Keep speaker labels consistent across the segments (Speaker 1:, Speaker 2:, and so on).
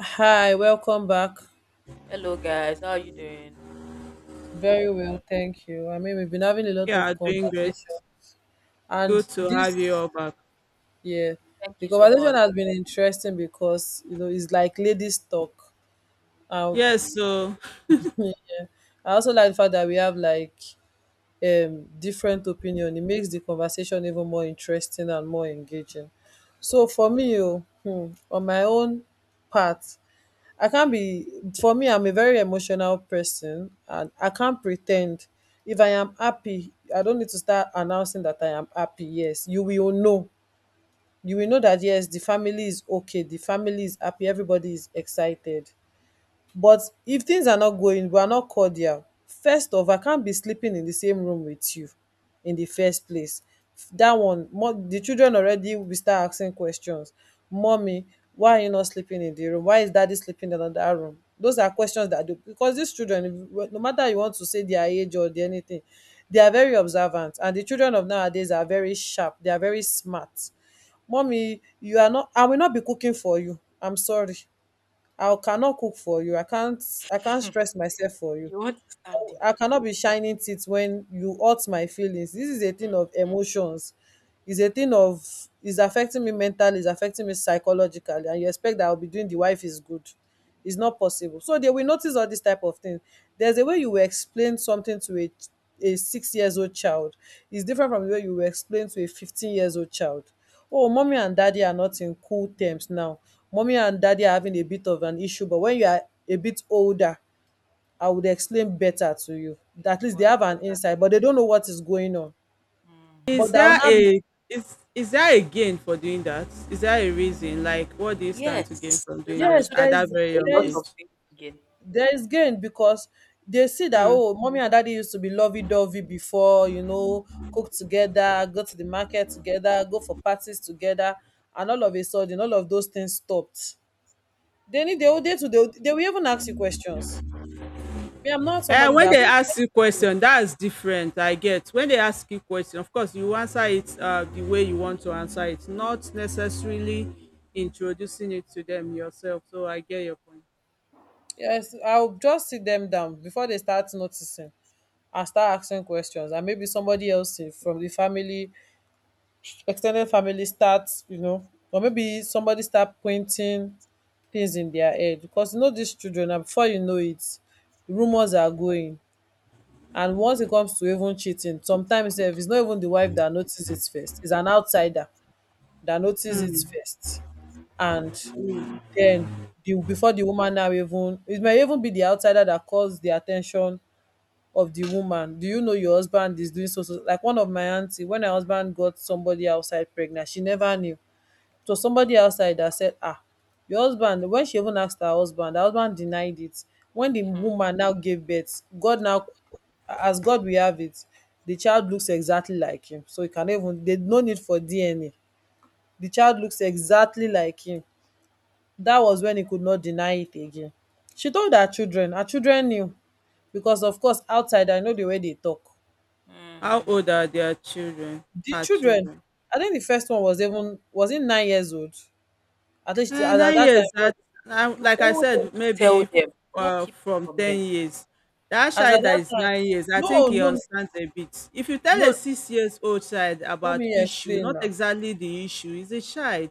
Speaker 1: Hi, welcome back.
Speaker 2: Hello guys, how are you doing?
Speaker 1: Very well, thank you. I mean, we've been having a lot of
Speaker 3: Yeah, doing great.
Speaker 1: conversation,
Speaker 3: Good
Speaker 1: and
Speaker 3: to have you
Speaker 1: this,
Speaker 3: all back.
Speaker 1: yeah,
Speaker 2: Thank
Speaker 1: the
Speaker 2: you so
Speaker 1: conversation
Speaker 2: much.
Speaker 1: has been interesting because it's like ladies talk. Um,
Speaker 3: Yes, so
Speaker 1: I also like the fact that we have like different opinion. It makes the conversation even more interesting and more engaging. So for me, oh, on my own part, I can't be for me, I'm a very emotional person and I can't pretend. If I am happy, I don't need to start announcing that I am happy. Yes, you will know. You will know that yes, the family is okay, the family is happy, everybody is excited. But if things are not going, we are not cordial, first off, I can't be sleeping in the same room with you in the first place. That one, the children already will start asking questions. Mommy, why are you not sleeping in the room? Why is daddy sleeping in another room? Those are questions that do because these children, if you- no matter you want to say their age or their anything, they are very observant. And the children of nowadays are very sharp, they are very smart. Mommy, you are not, I will not be cooking for you. I'm sorry. I cannot cook for you. I can't stress myself for you.
Speaker 2: You want to stab the
Speaker 1: I
Speaker 2: man?
Speaker 1: cannot be shining teeth when you hurt my feelings. This is a thing of
Speaker 2: Mhm.
Speaker 1: emotions. It's a thing of it's affecting me mentally, it's affecting me psychologically, and you expect that I'll be doing the wife is good. It's not possible. So they will notice all this type of things. There's a way you will explain something to a 6 years old child. It's different from the way you will explain to a 15 years old child. Oh, mommy and daddy are not in cool terms now. Mommy and daddy are having a bit of an issue, but when you are a bit older, I would explain better to you.
Speaker 2: You
Speaker 1: At least they
Speaker 2: want?
Speaker 1: have an insight, but they don't know what is going on. But
Speaker 3: is
Speaker 2: Mhm.
Speaker 1: that will
Speaker 3: there
Speaker 1: not be
Speaker 3: a is there a gain for doing that? Is there a reason? Like what do you stand to gain
Speaker 2: Yes,
Speaker 3: from
Speaker 2: there's
Speaker 3: doing that
Speaker 1: yes,
Speaker 2: absolutely
Speaker 3: at that very
Speaker 2: a
Speaker 3: young
Speaker 2: lot
Speaker 1: there's
Speaker 2: of
Speaker 3: age?
Speaker 2: things again.
Speaker 1: there's gain because they see that
Speaker 3: Mm.
Speaker 1: oh, mommy and daddy used to be lovey dovey before, cook together, go to the market together, go for parties together, and all of a sudden all of those things stopped. They need they will they to they will even ask you questions. Me, I'm not somebody
Speaker 3: And when
Speaker 1: that
Speaker 3: they
Speaker 1: will-.
Speaker 3: ask you question, that's different. I get when they ask you question, of course you answer it the way you want to answer it, not necessarily introducing it to them yourself. So I get your point.
Speaker 1: Yes, I'll just sit them down before they start noticing, and start asking questions and maybe somebody else from the family, extended family starts, or maybe somebody start pointing things in their head, because these children, and before you know it rumors are going. And once it comes to even cheating, sometimes sef, it's not even the wife that notices it first, it's an outsider that notices it
Speaker 3: Mm.
Speaker 1: first. And then the before the woman now, even it may even be the outsider that calls the attention of the woman. Do you know your husband is doing so so? Like one of my auntie, when her husband got somebody outside pregnant, she never knew. It was somebody outside that said, ah, your husband. When she even asked her husband, her husband denied it. When the woman now gave birth, god now, as god we have it, the child looks exactly like him. So you can even there no need for DNA. The child looks exactly like him. That was when he could not deny it again. She told her children. Her children knew, because of course outside, I know the way they talk.
Speaker 3: How
Speaker 2: Mm-hmm.
Speaker 3: old are their children?
Speaker 1: The
Speaker 3: Her
Speaker 1: children,
Speaker 3: children.
Speaker 1: I think the first one was, even, was he 9 years old? I think as at
Speaker 3: 9
Speaker 1: that time,
Speaker 3: years that now
Speaker 2: You
Speaker 3: like I
Speaker 2: owe them
Speaker 3: said,
Speaker 2: to tell
Speaker 3: maybe,
Speaker 2: them, not keep it
Speaker 3: from
Speaker 2: from them.
Speaker 3: 10 years. That
Speaker 1: as at
Speaker 3: child that
Speaker 1: that
Speaker 3: is
Speaker 1: time,
Speaker 3: 9 years, I think
Speaker 1: no,
Speaker 3: he
Speaker 1: no,
Speaker 3: understands a bit. If you tell a
Speaker 1: no.
Speaker 3: 6 years old child
Speaker 1: Let
Speaker 3: about
Speaker 1: me
Speaker 3: issue,
Speaker 1: explain
Speaker 3: not
Speaker 1: now.
Speaker 3: exactly the issue, he's a child.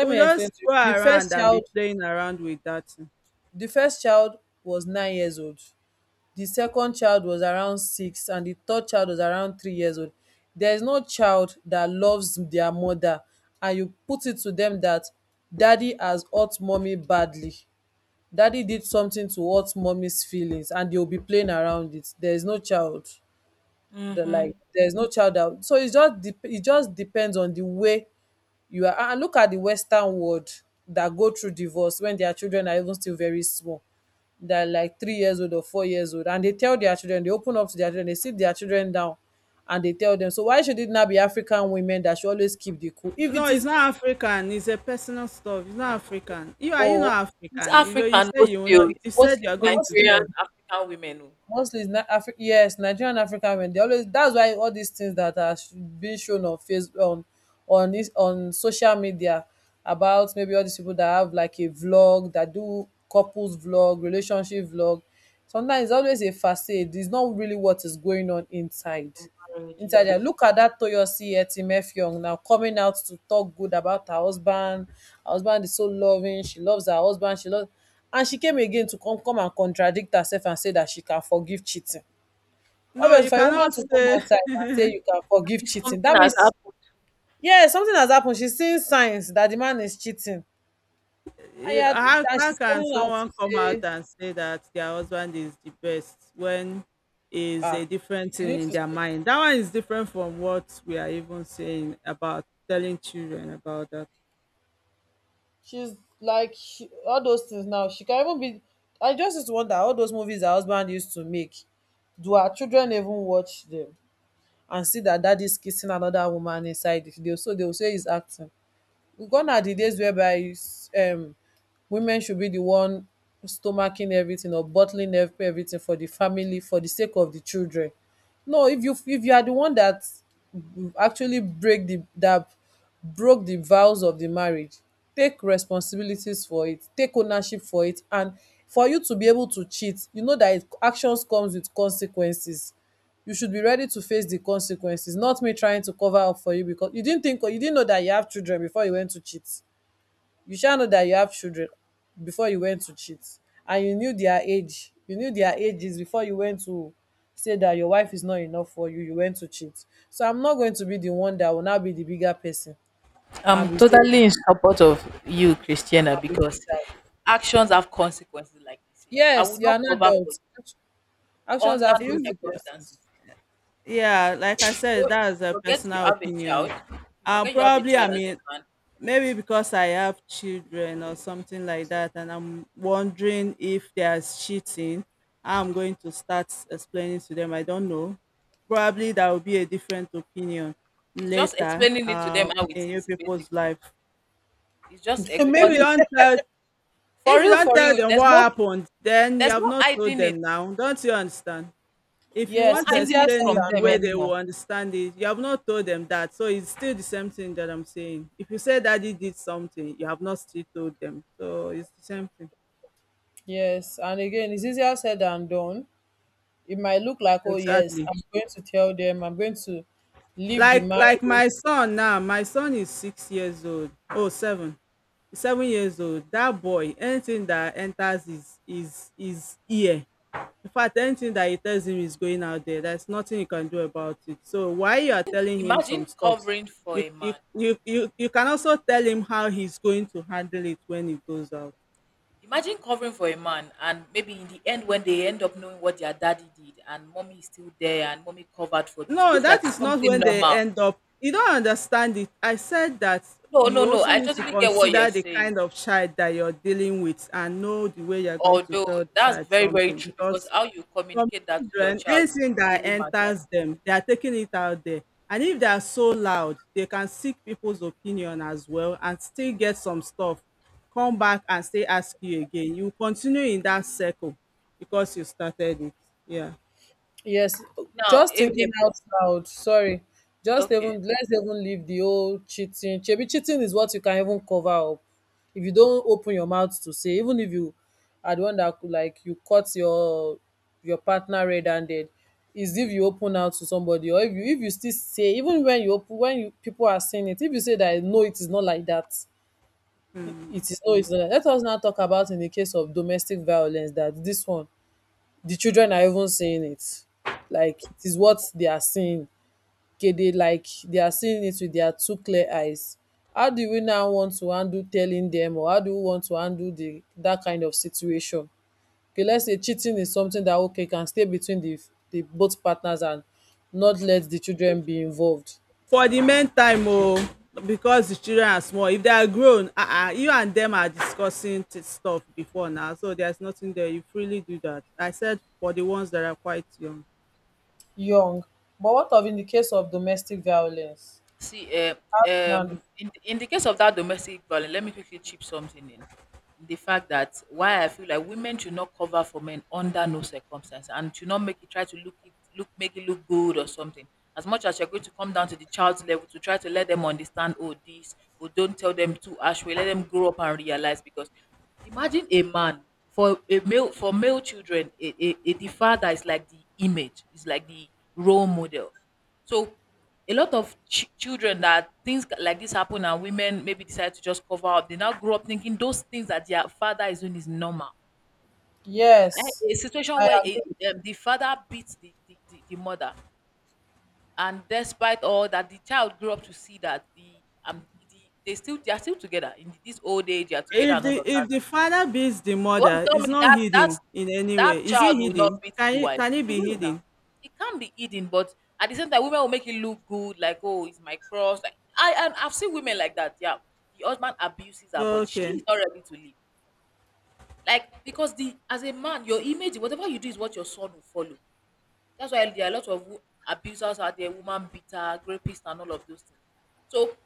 Speaker 3: He will
Speaker 1: me explain
Speaker 3: just
Speaker 1: to
Speaker 3: go
Speaker 1: you. The
Speaker 3: around
Speaker 1: first
Speaker 3: and be
Speaker 1: child,
Speaker 3: playing around with that thing.
Speaker 1: the first child was 9 years old. The second child was around six, and the third child was around 3 years old. There is no child that loves their mother, and you put it to them that daddy has hurt mommy badly. Daddy did something to hurt mommy's feelings and they'll be playing around it. There's no child that,
Speaker 2: hmm
Speaker 1: like, there's no child out. So it just depends on the way you are, and look at the Western world that go through divorce when their children are even still very small. They're like 3 years old or 4 years old. And they tell their children, they open up to their children, they sit their children down and they tell them. So why should it not be African women that should always keep the cool? If
Speaker 3: No,
Speaker 1: it
Speaker 3: it's
Speaker 1: is
Speaker 3: not African, it's a personal stuff. It's not African. You
Speaker 1: or
Speaker 3: not
Speaker 2: It's
Speaker 3: African? You
Speaker 2: African
Speaker 3: say you will
Speaker 2: mostly. Oh,
Speaker 3: not,
Speaker 2: it's
Speaker 3: you said
Speaker 2: mostly
Speaker 3: you are going to
Speaker 1: mostly,
Speaker 2: Nigerian
Speaker 3: tell.
Speaker 2: African women. Oh,
Speaker 1: it's yes, Nigerian African men, they always, that's why all these things that are being shown on face on this on social media, about maybe all these people that have like a vlog, that do couples vlog, relationship vlog, sometimes it's always a facade. It's not really what is going on inside.
Speaker 2: in marriage,
Speaker 1: Ntaja,
Speaker 2: yes.
Speaker 1: look at that Toyosi Etimefeong now coming out to talk good about her husband. Her husband is so loving. She loves her husband. She loves, and she came again to come and contradict herself and say that she can forgive cheating.
Speaker 3: No,
Speaker 1: Obviously,
Speaker 3: you
Speaker 1: for a woman
Speaker 3: cannot
Speaker 1: to come
Speaker 3: say.
Speaker 1: outside and say you can
Speaker 2: That
Speaker 1: forgive
Speaker 2: means
Speaker 1: cheating,
Speaker 2: something
Speaker 1: that
Speaker 2: has
Speaker 1: means
Speaker 2: happened.
Speaker 1: yeah, something has happened. She's seeing signs that the man is cheating, and
Speaker 3: Eh,
Speaker 1: yeah,
Speaker 3: how
Speaker 1: and she's
Speaker 3: can
Speaker 1: coming out to
Speaker 3: someone come out
Speaker 1: say,
Speaker 3: and say that their husband is the best, when is
Speaker 1: ah,
Speaker 3: a different
Speaker 1: you
Speaker 3: thing
Speaker 1: need
Speaker 3: in
Speaker 1: to,
Speaker 3: their mind? That one is different from what we are even saying about telling children about that.
Speaker 1: she's like, she, all those things now she can even be. I just used to wonder, all those movies her husband used to make, do our children even watch them and see that daddy's kissing another woman inside the video, so they will say he's acting? Gone are the days whereby um, women should be the one stomaching everything or bottling everything for the family, for the sake of the children. No, if you are the one that actually break the that broke the vows of the marriage, take responsibilities for it, take ownership for it, and for you to be able to cheat, you know that actions comes with consequences. You should be ready to face the consequences. Not me trying to cover up for you because you didn't think or you didn't know that you have children before you went to cheat. You shall know that you have children before you went to cheat, and you knew their age. You knew their ages before you went to say that your wife is not enough for you. You went to cheat. So I'm not going to be the one that will now be the bigger person and
Speaker 2: I'm
Speaker 1: be saying
Speaker 2: totally in support of you, Christiana,
Speaker 1: and be doing
Speaker 2: because
Speaker 1: that.
Speaker 2: actions have consequences, like they say. I
Speaker 1: Yes,
Speaker 2: will
Speaker 1: you are
Speaker 2: not
Speaker 1: an
Speaker 2: cover for
Speaker 1: adult.
Speaker 2: you
Speaker 1: Actions
Speaker 2: under
Speaker 1: have
Speaker 2: no
Speaker 3: If-
Speaker 2: circumstances.
Speaker 1: consequences.
Speaker 2: If
Speaker 3: yeah,
Speaker 2: you,
Speaker 3: like
Speaker 2: if
Speaker 3: I
Speaker 2: you,
Speaker 3: said,
Speaker 2: don't- if you
Speaker 3: that is a
Speaker 2: forget you
Speaker 3: personal
Speaker 2: have a
Speaker 3: opinion.
Speaker 2: child, if you forget you have a
Speaker 3: Probably, I
Speaker 2: child as a
Speaker 3: mean,
Speaker 2: man,
Speaker 3: maybe because I have children or something like that, and I'm wondering if there's cheating, how I'm going to start explaining to them, I don't know. Probably there will be a different opinion
Speaker 2: it's just
Speaker 3: later,
Speaker 2: explaining it to them how it
Speaker 3: in you
Speaker 2: is,
Speaker 3: people's
Speaker 2: basically.
Speaker 3: life.
Speaker 2: It's just
Speaker 3: If
Speaker 2: because
Speaker 3: you
Speaker 1: Maybe
Speaker 2: it's
Speaker 3: don't tell
Speaker 2: for
Speaker 3: if you
Speaker 2: real,
Speaker 3: don't
Speaker 2: for
Speaker 3: tell
Speaker 2: real.
Speaker 3: them what happened, then you
Speaker 2: There's
Speaker 3: have
Speaker 2: no
Speaker 3: not told
Speaker 2: hiding it.
Speaker 3: them now. Don't you understand? If you
Speaker 2: There's
Speaker 1: yes,
Speaker 2: no
Speaker 3: want
Speaker 1: it's
Speaker 3: to
Speaker 2: hiding
Speaker 1: easier
Speaker 2: it
Speaker 1: said
Speaker 3: explain
Speaker 2: from
Speaker 3: it the
Speaker 1: than
Speaker 2: them
Speaker 1: done.
Speaker 3: way they
Speaker 2: anymore.
Speaker 3: will understand it, you have not told them that. So it's still the same thing that I'm saying. If you say daddy did something, you have not still told them. So it's the same thing.
Speaker 1: Yes, and again, it's easier said than done. It might look like, oh, yes,
Speaker 3: Exactly.
Speaker 1: I'm going to tell them, I'm going to leave the
Speaker 3: Like
Speaker 1: marriage.
Speaker 3: my son now, my son is 6 years old. Oh, seven. He's 7 years old. That boy, anything that enters his ear, in fact, anything that he tells him is going out there. There's nothing you can do about it. So while you are telling him some
Speaker 2: Imagine
Speaker 3: stuffs,
Speaker 2: covering for
Speaker 3: you
Speaker 2: a
Speaker 3: you
Speaker 2: man.
Speaker 3: you you, you can also tell him how he's going to handle it when it goes out.
Speaker 2: Imagine covering for a man, and maybe in the end, when they end up knowing what their daddy did, and mommy is still there, and mommy covered for it, it
Speaker 3: No,
Speaker 2: looks
Speaker 3: that
Speaker 2: like
Speaker 3: is not
Speaker 2: something
Speaker 3: when they
Speaker 2: normal.
Speaker 3: end up. You don't understand it. I said that
Speaker 2: No, no,
Speaker 3: you
Speaker 2: no,
Speaker 3: also
Speaker 2: I
Speaker 3: need to
Speaker 2: totally get what you're
Speaker 3: consider the
Speaker 2: saying.
Speaker 3: kind of child that you're dealing with and know the way you're going to
Speaker 2: Although
Speaker 3: tell the
Speaker 2: that's
Speaker 3: child
Speaker 2: very, very
Speaker 3: something,
Speaker 2: true because
Speaker 3: because
Speaker 2: how you
Speaker 3: some
Speaker 2: communicate that to your
Speaker 3: children,
Speaker 2: child
Speaker 3: anything that
Speaker 2: really matters.
Speaker 3: enters them, they are taking it out there. And if they are so loud, they can seek people's opinion as well and still get some stuff. Come back and still ask you again. You continue in that circle because you started it. Yeah.
Speaker 1: Yes,
Speaker 2: Now,
Speaker 1: just
Speaker 2: if,
Speaker 1: thinking
Speaker 2: if
Speaker 1: out loud. Sorry, just
Speaker 2: okay.
Speaker 1: even let's even leave the whole cheating. Chebi, cheating is what you can even cover up if you don't open your mouth to say. Even if you are the one that could, like you caught your partner red-handed, is if you open out to somebody or if you still say even when you open when you people are saying it, if you say that no, it is not like that. It is no, it's not. Let us now talk about in the case of domestic violence, that this one, the children are even seeing it. Like it is what they are seeing. Okay, they, like, they are seeing it with their two clear eyes. How do we now want to handle telling them, or how do we want to handle the that kind of situation? Okay, let's say cheating is something that, okay, can stay between the both partners and not let the children be involved
Speaker 3: For the meantime oh, because the children are small. If they are grown, ah ah, you and them are discussing stuff before now. So there's nothing there. You freely do that. I said for the ones that are quite young.
Speaker 1: young. But what of in the case of domestic violence?
Speaker 2: See,
Speaker 1: How do you handle?
Speaker 2: in the case of that domestic violence, let me quickly chip something in. The fact that why I feel like women should not cover for men under no circumstance and should not make it try to look it look make it look good or something. As much as you're going to come down to the child's level to try to let them understand, oh this, or don't tell them too harsh. We let them grow up and realize because imagine a man for male children, a the father is like the image, is like the role model. So a lot of children that things like this happen and women maybe decide to just cover up, they now grow up thinking those things that their father is doing is normal.
Speaker 1: Yes,
Speaker 2: Eh, a situation
Speaker 1: I
Speaker 2: where
Speaker 1: agree.
Speaker 2: the father beats the mother, and despite all that the child grew up to see that um the, they are still together in this old age, they are together
Speaker 3: If
Speaker 2: and all
Speaker 3: the
Speaker 2: of that.
Speaker 3: if the father beats the
Speaker 2: You want
Speaker 3: mother,
Speaker 2: to tell
Speaker 3: it's
Speaker 2: me
Speaker 3: not
Speaker 2: that that's
Speaker 3: hidden in any
Speaker 2: that
Speaker 3: way. Is it
Speaker 2: child will not
Speaker 3: hidden?
Speaker 2: beat
Speaker 3: Can
Speaker 2: the
Speaker 3: it
Speaker 2: wife?
Speaker 3: can it
Speaker 2: He
Speaker 3: be
Speaker 2: will now.
Speaker 3: hidden?
Speaker 2: It can't be hidden, but at the same time, women will make it look good, like oh, it's my cross. Like I've seen women like that. Yeah, the husband abuses her, but she's
Speaker 3: Okay.
Speaker 2: not ready to leave. Like because the as a man, your image, whatever you do, is what your son will follow. That's why there are a lot of abusers out there, woman beater, rapist, and all of those things. So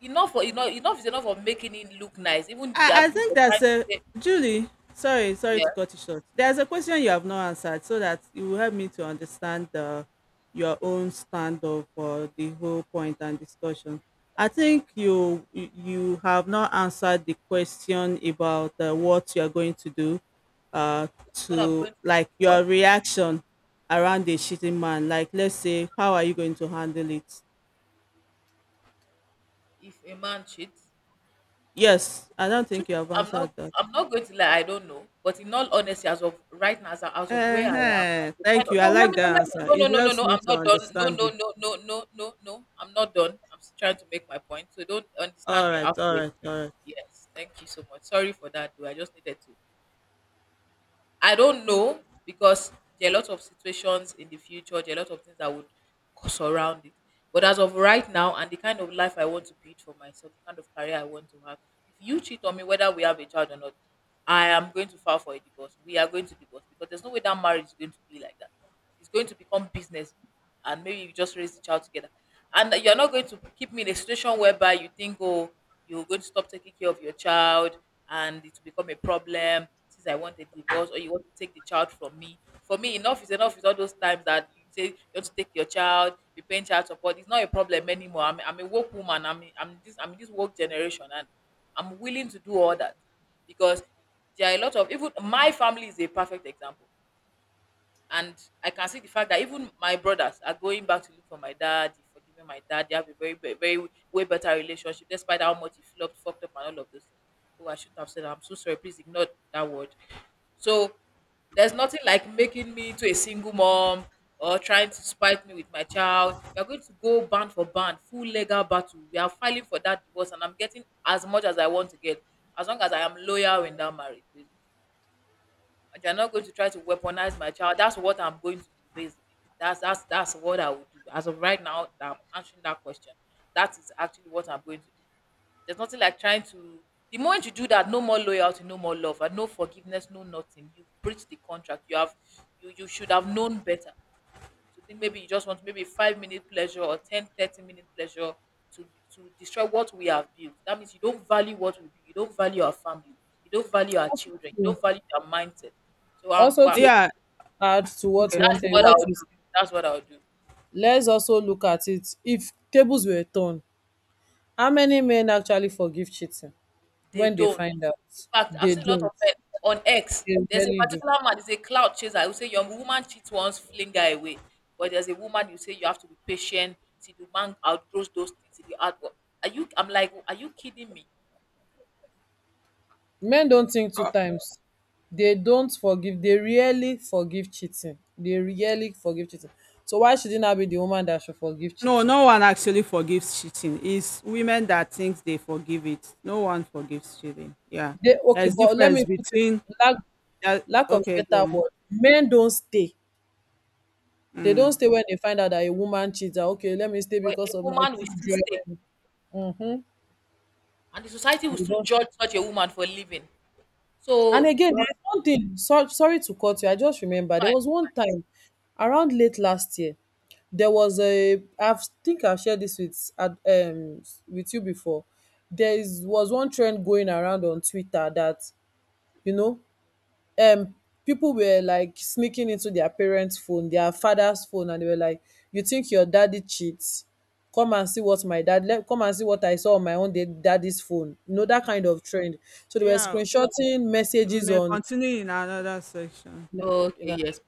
Speaker 2: enough is enough of making it look nice. Even the
Speaker 3: I
Speaker 2: abuse
Speaker 3: think
Speaker 2: of trying
Speaker 3: that's
Speaker 2: to
Speaker 3: a
Speaker 2: say,
Speaker 3: Julie. Sorry, sorry
Speaker 2: yeah,
Speaker 3: to cut you short. There's a question you have not answered, so that it will help me to understand the, your own stand of the whole point and discussion. I think you have not answered the question about what you are going to do, uh,
Speaker 2: what I'm
Speaker 3: to
Speaker 2: going to
Speaker 3: like
Speaker 2: do.
Speaker 3: your reaction around the cheating man. Like, let's say, how are you going to handle it?
Speaker 2: If a man cheats,
Speaker 3: Yes, I don't
Speaker 2: truth
Speaker 3: think you
Speaker 2: is,
Speaker 3: have answered that.
Speaker 2: I'm not going to lie, I don't know. But in all honesty, as of right now, as of where I am, and
Speaker 3: Uh-huh.
Speaker 2: the kind
Speaker 3: Thank
Speaker 2: of,
Speaker 3: you. I
Speaker 2: no, let
Speaker 3: like
Speaker 2: me know,
Speaker 3: that
Speaker 2: let me,
Speaker 3: answer.
Speaker 2: no no
Speaker 3: It
Speaker 2: no no
Speaker 3: helps
Speaker 2: no,
Speaker 3: me
Speaker 2: I'm
Speaker 3: to
Speaker 2: not done. No,
Speaker 3: understand
Speaker 2: no,
Speaker 3: you.
Speaker 2: no, no, no, no, no. I'm not done. I'm still trying to make my point. So don't understand
Speaker 3: All
Speaker 2: me
Speaker 3: right, all
Speaker 2: halfway.
Speaker 3: right, all right.
Speaker 2: Yes, thank you so much. Sorry for that though. I just needed to. I don't know, because there are a lot of situations in the future, there are a lot of things that would surround it. But as of right now, and the kind of life I want to build for myself, the kind of career I want to have, if you cheat on me, whether we have a child or not, I am going to file for a divorce. We are going to divorce because there's no way that marriage is going to be like that. It's going to become business, and maybe you just raise the child together. And you're not going to keep me in a situation whereby you think, oh, you're going to stop taking care of your child and it will become a problem since I want a divorce or you want to take the child from me. For me, enough is enough. Is all those times that you say you want to take your child, be paying child support. It's not a problem anymore. I'm a woke woman. I'm in this woke generation and I'm willing to do all that, because there are a lot of even my family is a perfect example. And I can see the fact that even my brothers are going back to look for my dad, they've forgiven my dad, they have a very, very, very way better relationship, despite how much he flopped, fucked up, and all of those things. Oh, I shouldn't have said that. I'm so sorry. Please ignore that word. So there's nothing like making me to a single mom or trying to spite me with my child. We are going to go band for band, full legal battle. We are filing for that divorce, and I'm getting as much as I want to get, as long as I am loyal in that marriage. Basically. And you're not going to try to weaponize my child. That's what I'm going to do, basically. That's what I would do. As of right now, that I'm answering that question. That is actually what I'm going to do. There's nothing like trying to. The moment you do that, no more loyalty, no more love, and no forgiveness, no nothing. You you should have known better. So think maybe you just want maybe 5-minute pleasure or 10, 30-minute pleasure to to destroy what we have built. That means you don't value what we build. You don't value our family. You don't value our
Speaker 1: Also
Speaker 2: children. You
Speaker 1: to,
Speaker 2: don't value our mindset. So
Speaker 1: also
Speaker 2: well,
Speaker 1: to
Speaker 3: Yeah,
Speaker 1: add to
Speaker 3: okay.
Speaker 2: that's what
Speaker 1: what
Speaker 2: I'll
Speaker 1: you
Speaker 2: do.
Speaker 1: said,
Speaker 2: That's what I'll do.
Speaker 1: let's also look at it if tables were turned, how many men actually forgive cheating
Speaker 2: They
Speaker 1: when they
Speaker 2: don't.
Speaker 1: find
Speaker 2: In
Speaker 1: out?
Speaker 2: fact, I've
Speaker 1: They
Speaker 2: seen a lot of
Speaker 1: don't.
Speaker 2: men on X.
Speaker 1: They
Speaker 2: There's a
Speaker 1: rarely do.
Speaker 2: particular man, there's a cloud chaser. I would say your woman cheats once, fling her away. But there's a woman you say you have to be patient till the man outgrows those things. Till you out Are you, I'm like, are you kidding me?
Speaker 1: Men
Speaker 2: No,
Speaker 1: don't think two times. They don't forgive. They rarely forgive cheating. They rarely forgive cheating. So why shouldn't I be the woman that should forgive
Speaker 3: No,
Speaker 1: cheating?
Speaker 3: no one actually forgives cheating. It's women that thinks they forgive it. No one forgives cheating. Yeah.
Speaker 1: They okay,
Speaker 3: There's
Speaker 1: but let
Speaker 3: difference
Speaker 1: me put it,
Speaker 3: between
Speaker 1: lack
Speaker 3: that,
Speaker 1: lack of
Speaker 3: okay,
Speaker 1: better
Speaker 3: go on.
Speaker 1: word. Men don't stay. They don't
Speaker 3: Mm.
Speaker 1: stay when they find out that a woman cheats. That, okay, let me stay
Speaker 2: but a
Speaker 1: because of my
Speaker 2: woman will still stay.
Speaker 1: children. Mm-hmm.
Speaker 2: And the society will
Speaker 1: And, you
Speaker 2: still
Speaker 1: don't-
Speaker 2: judge such a woman for living.
Speaker 1: and
Speaker 2: So
Speaker 1: again,
Speaker 2: you have
Speaker 1: there's one thing. So, sorry to cut you. I just remember
Speaker 2: to
Speaker 1: there
Speaker 2: find-
Speaker 1: was one time around late last year. There was a. I think I've shared this with with you before. Was one trend going around on Twitter, that you know um people were like sneaking into their parents' phone, their father's phone, and they were like, "You think your daddy cheats? Come and see what my dad. Come and see what I saw on my own daddy's phone." You know that kind of trend. So they were
Speaker 2: mm,
Speaker 3: Yeah,
Speaker 1: screenshotting
Speaker 3: we
Speaker 1: messages
Speaker 3: may
Speaker 1: on.
Speaker 3: continue in another section.
Speaker 1: You
Speaker 2: okay,
Speaker 1: know,
Speaker 2: yes.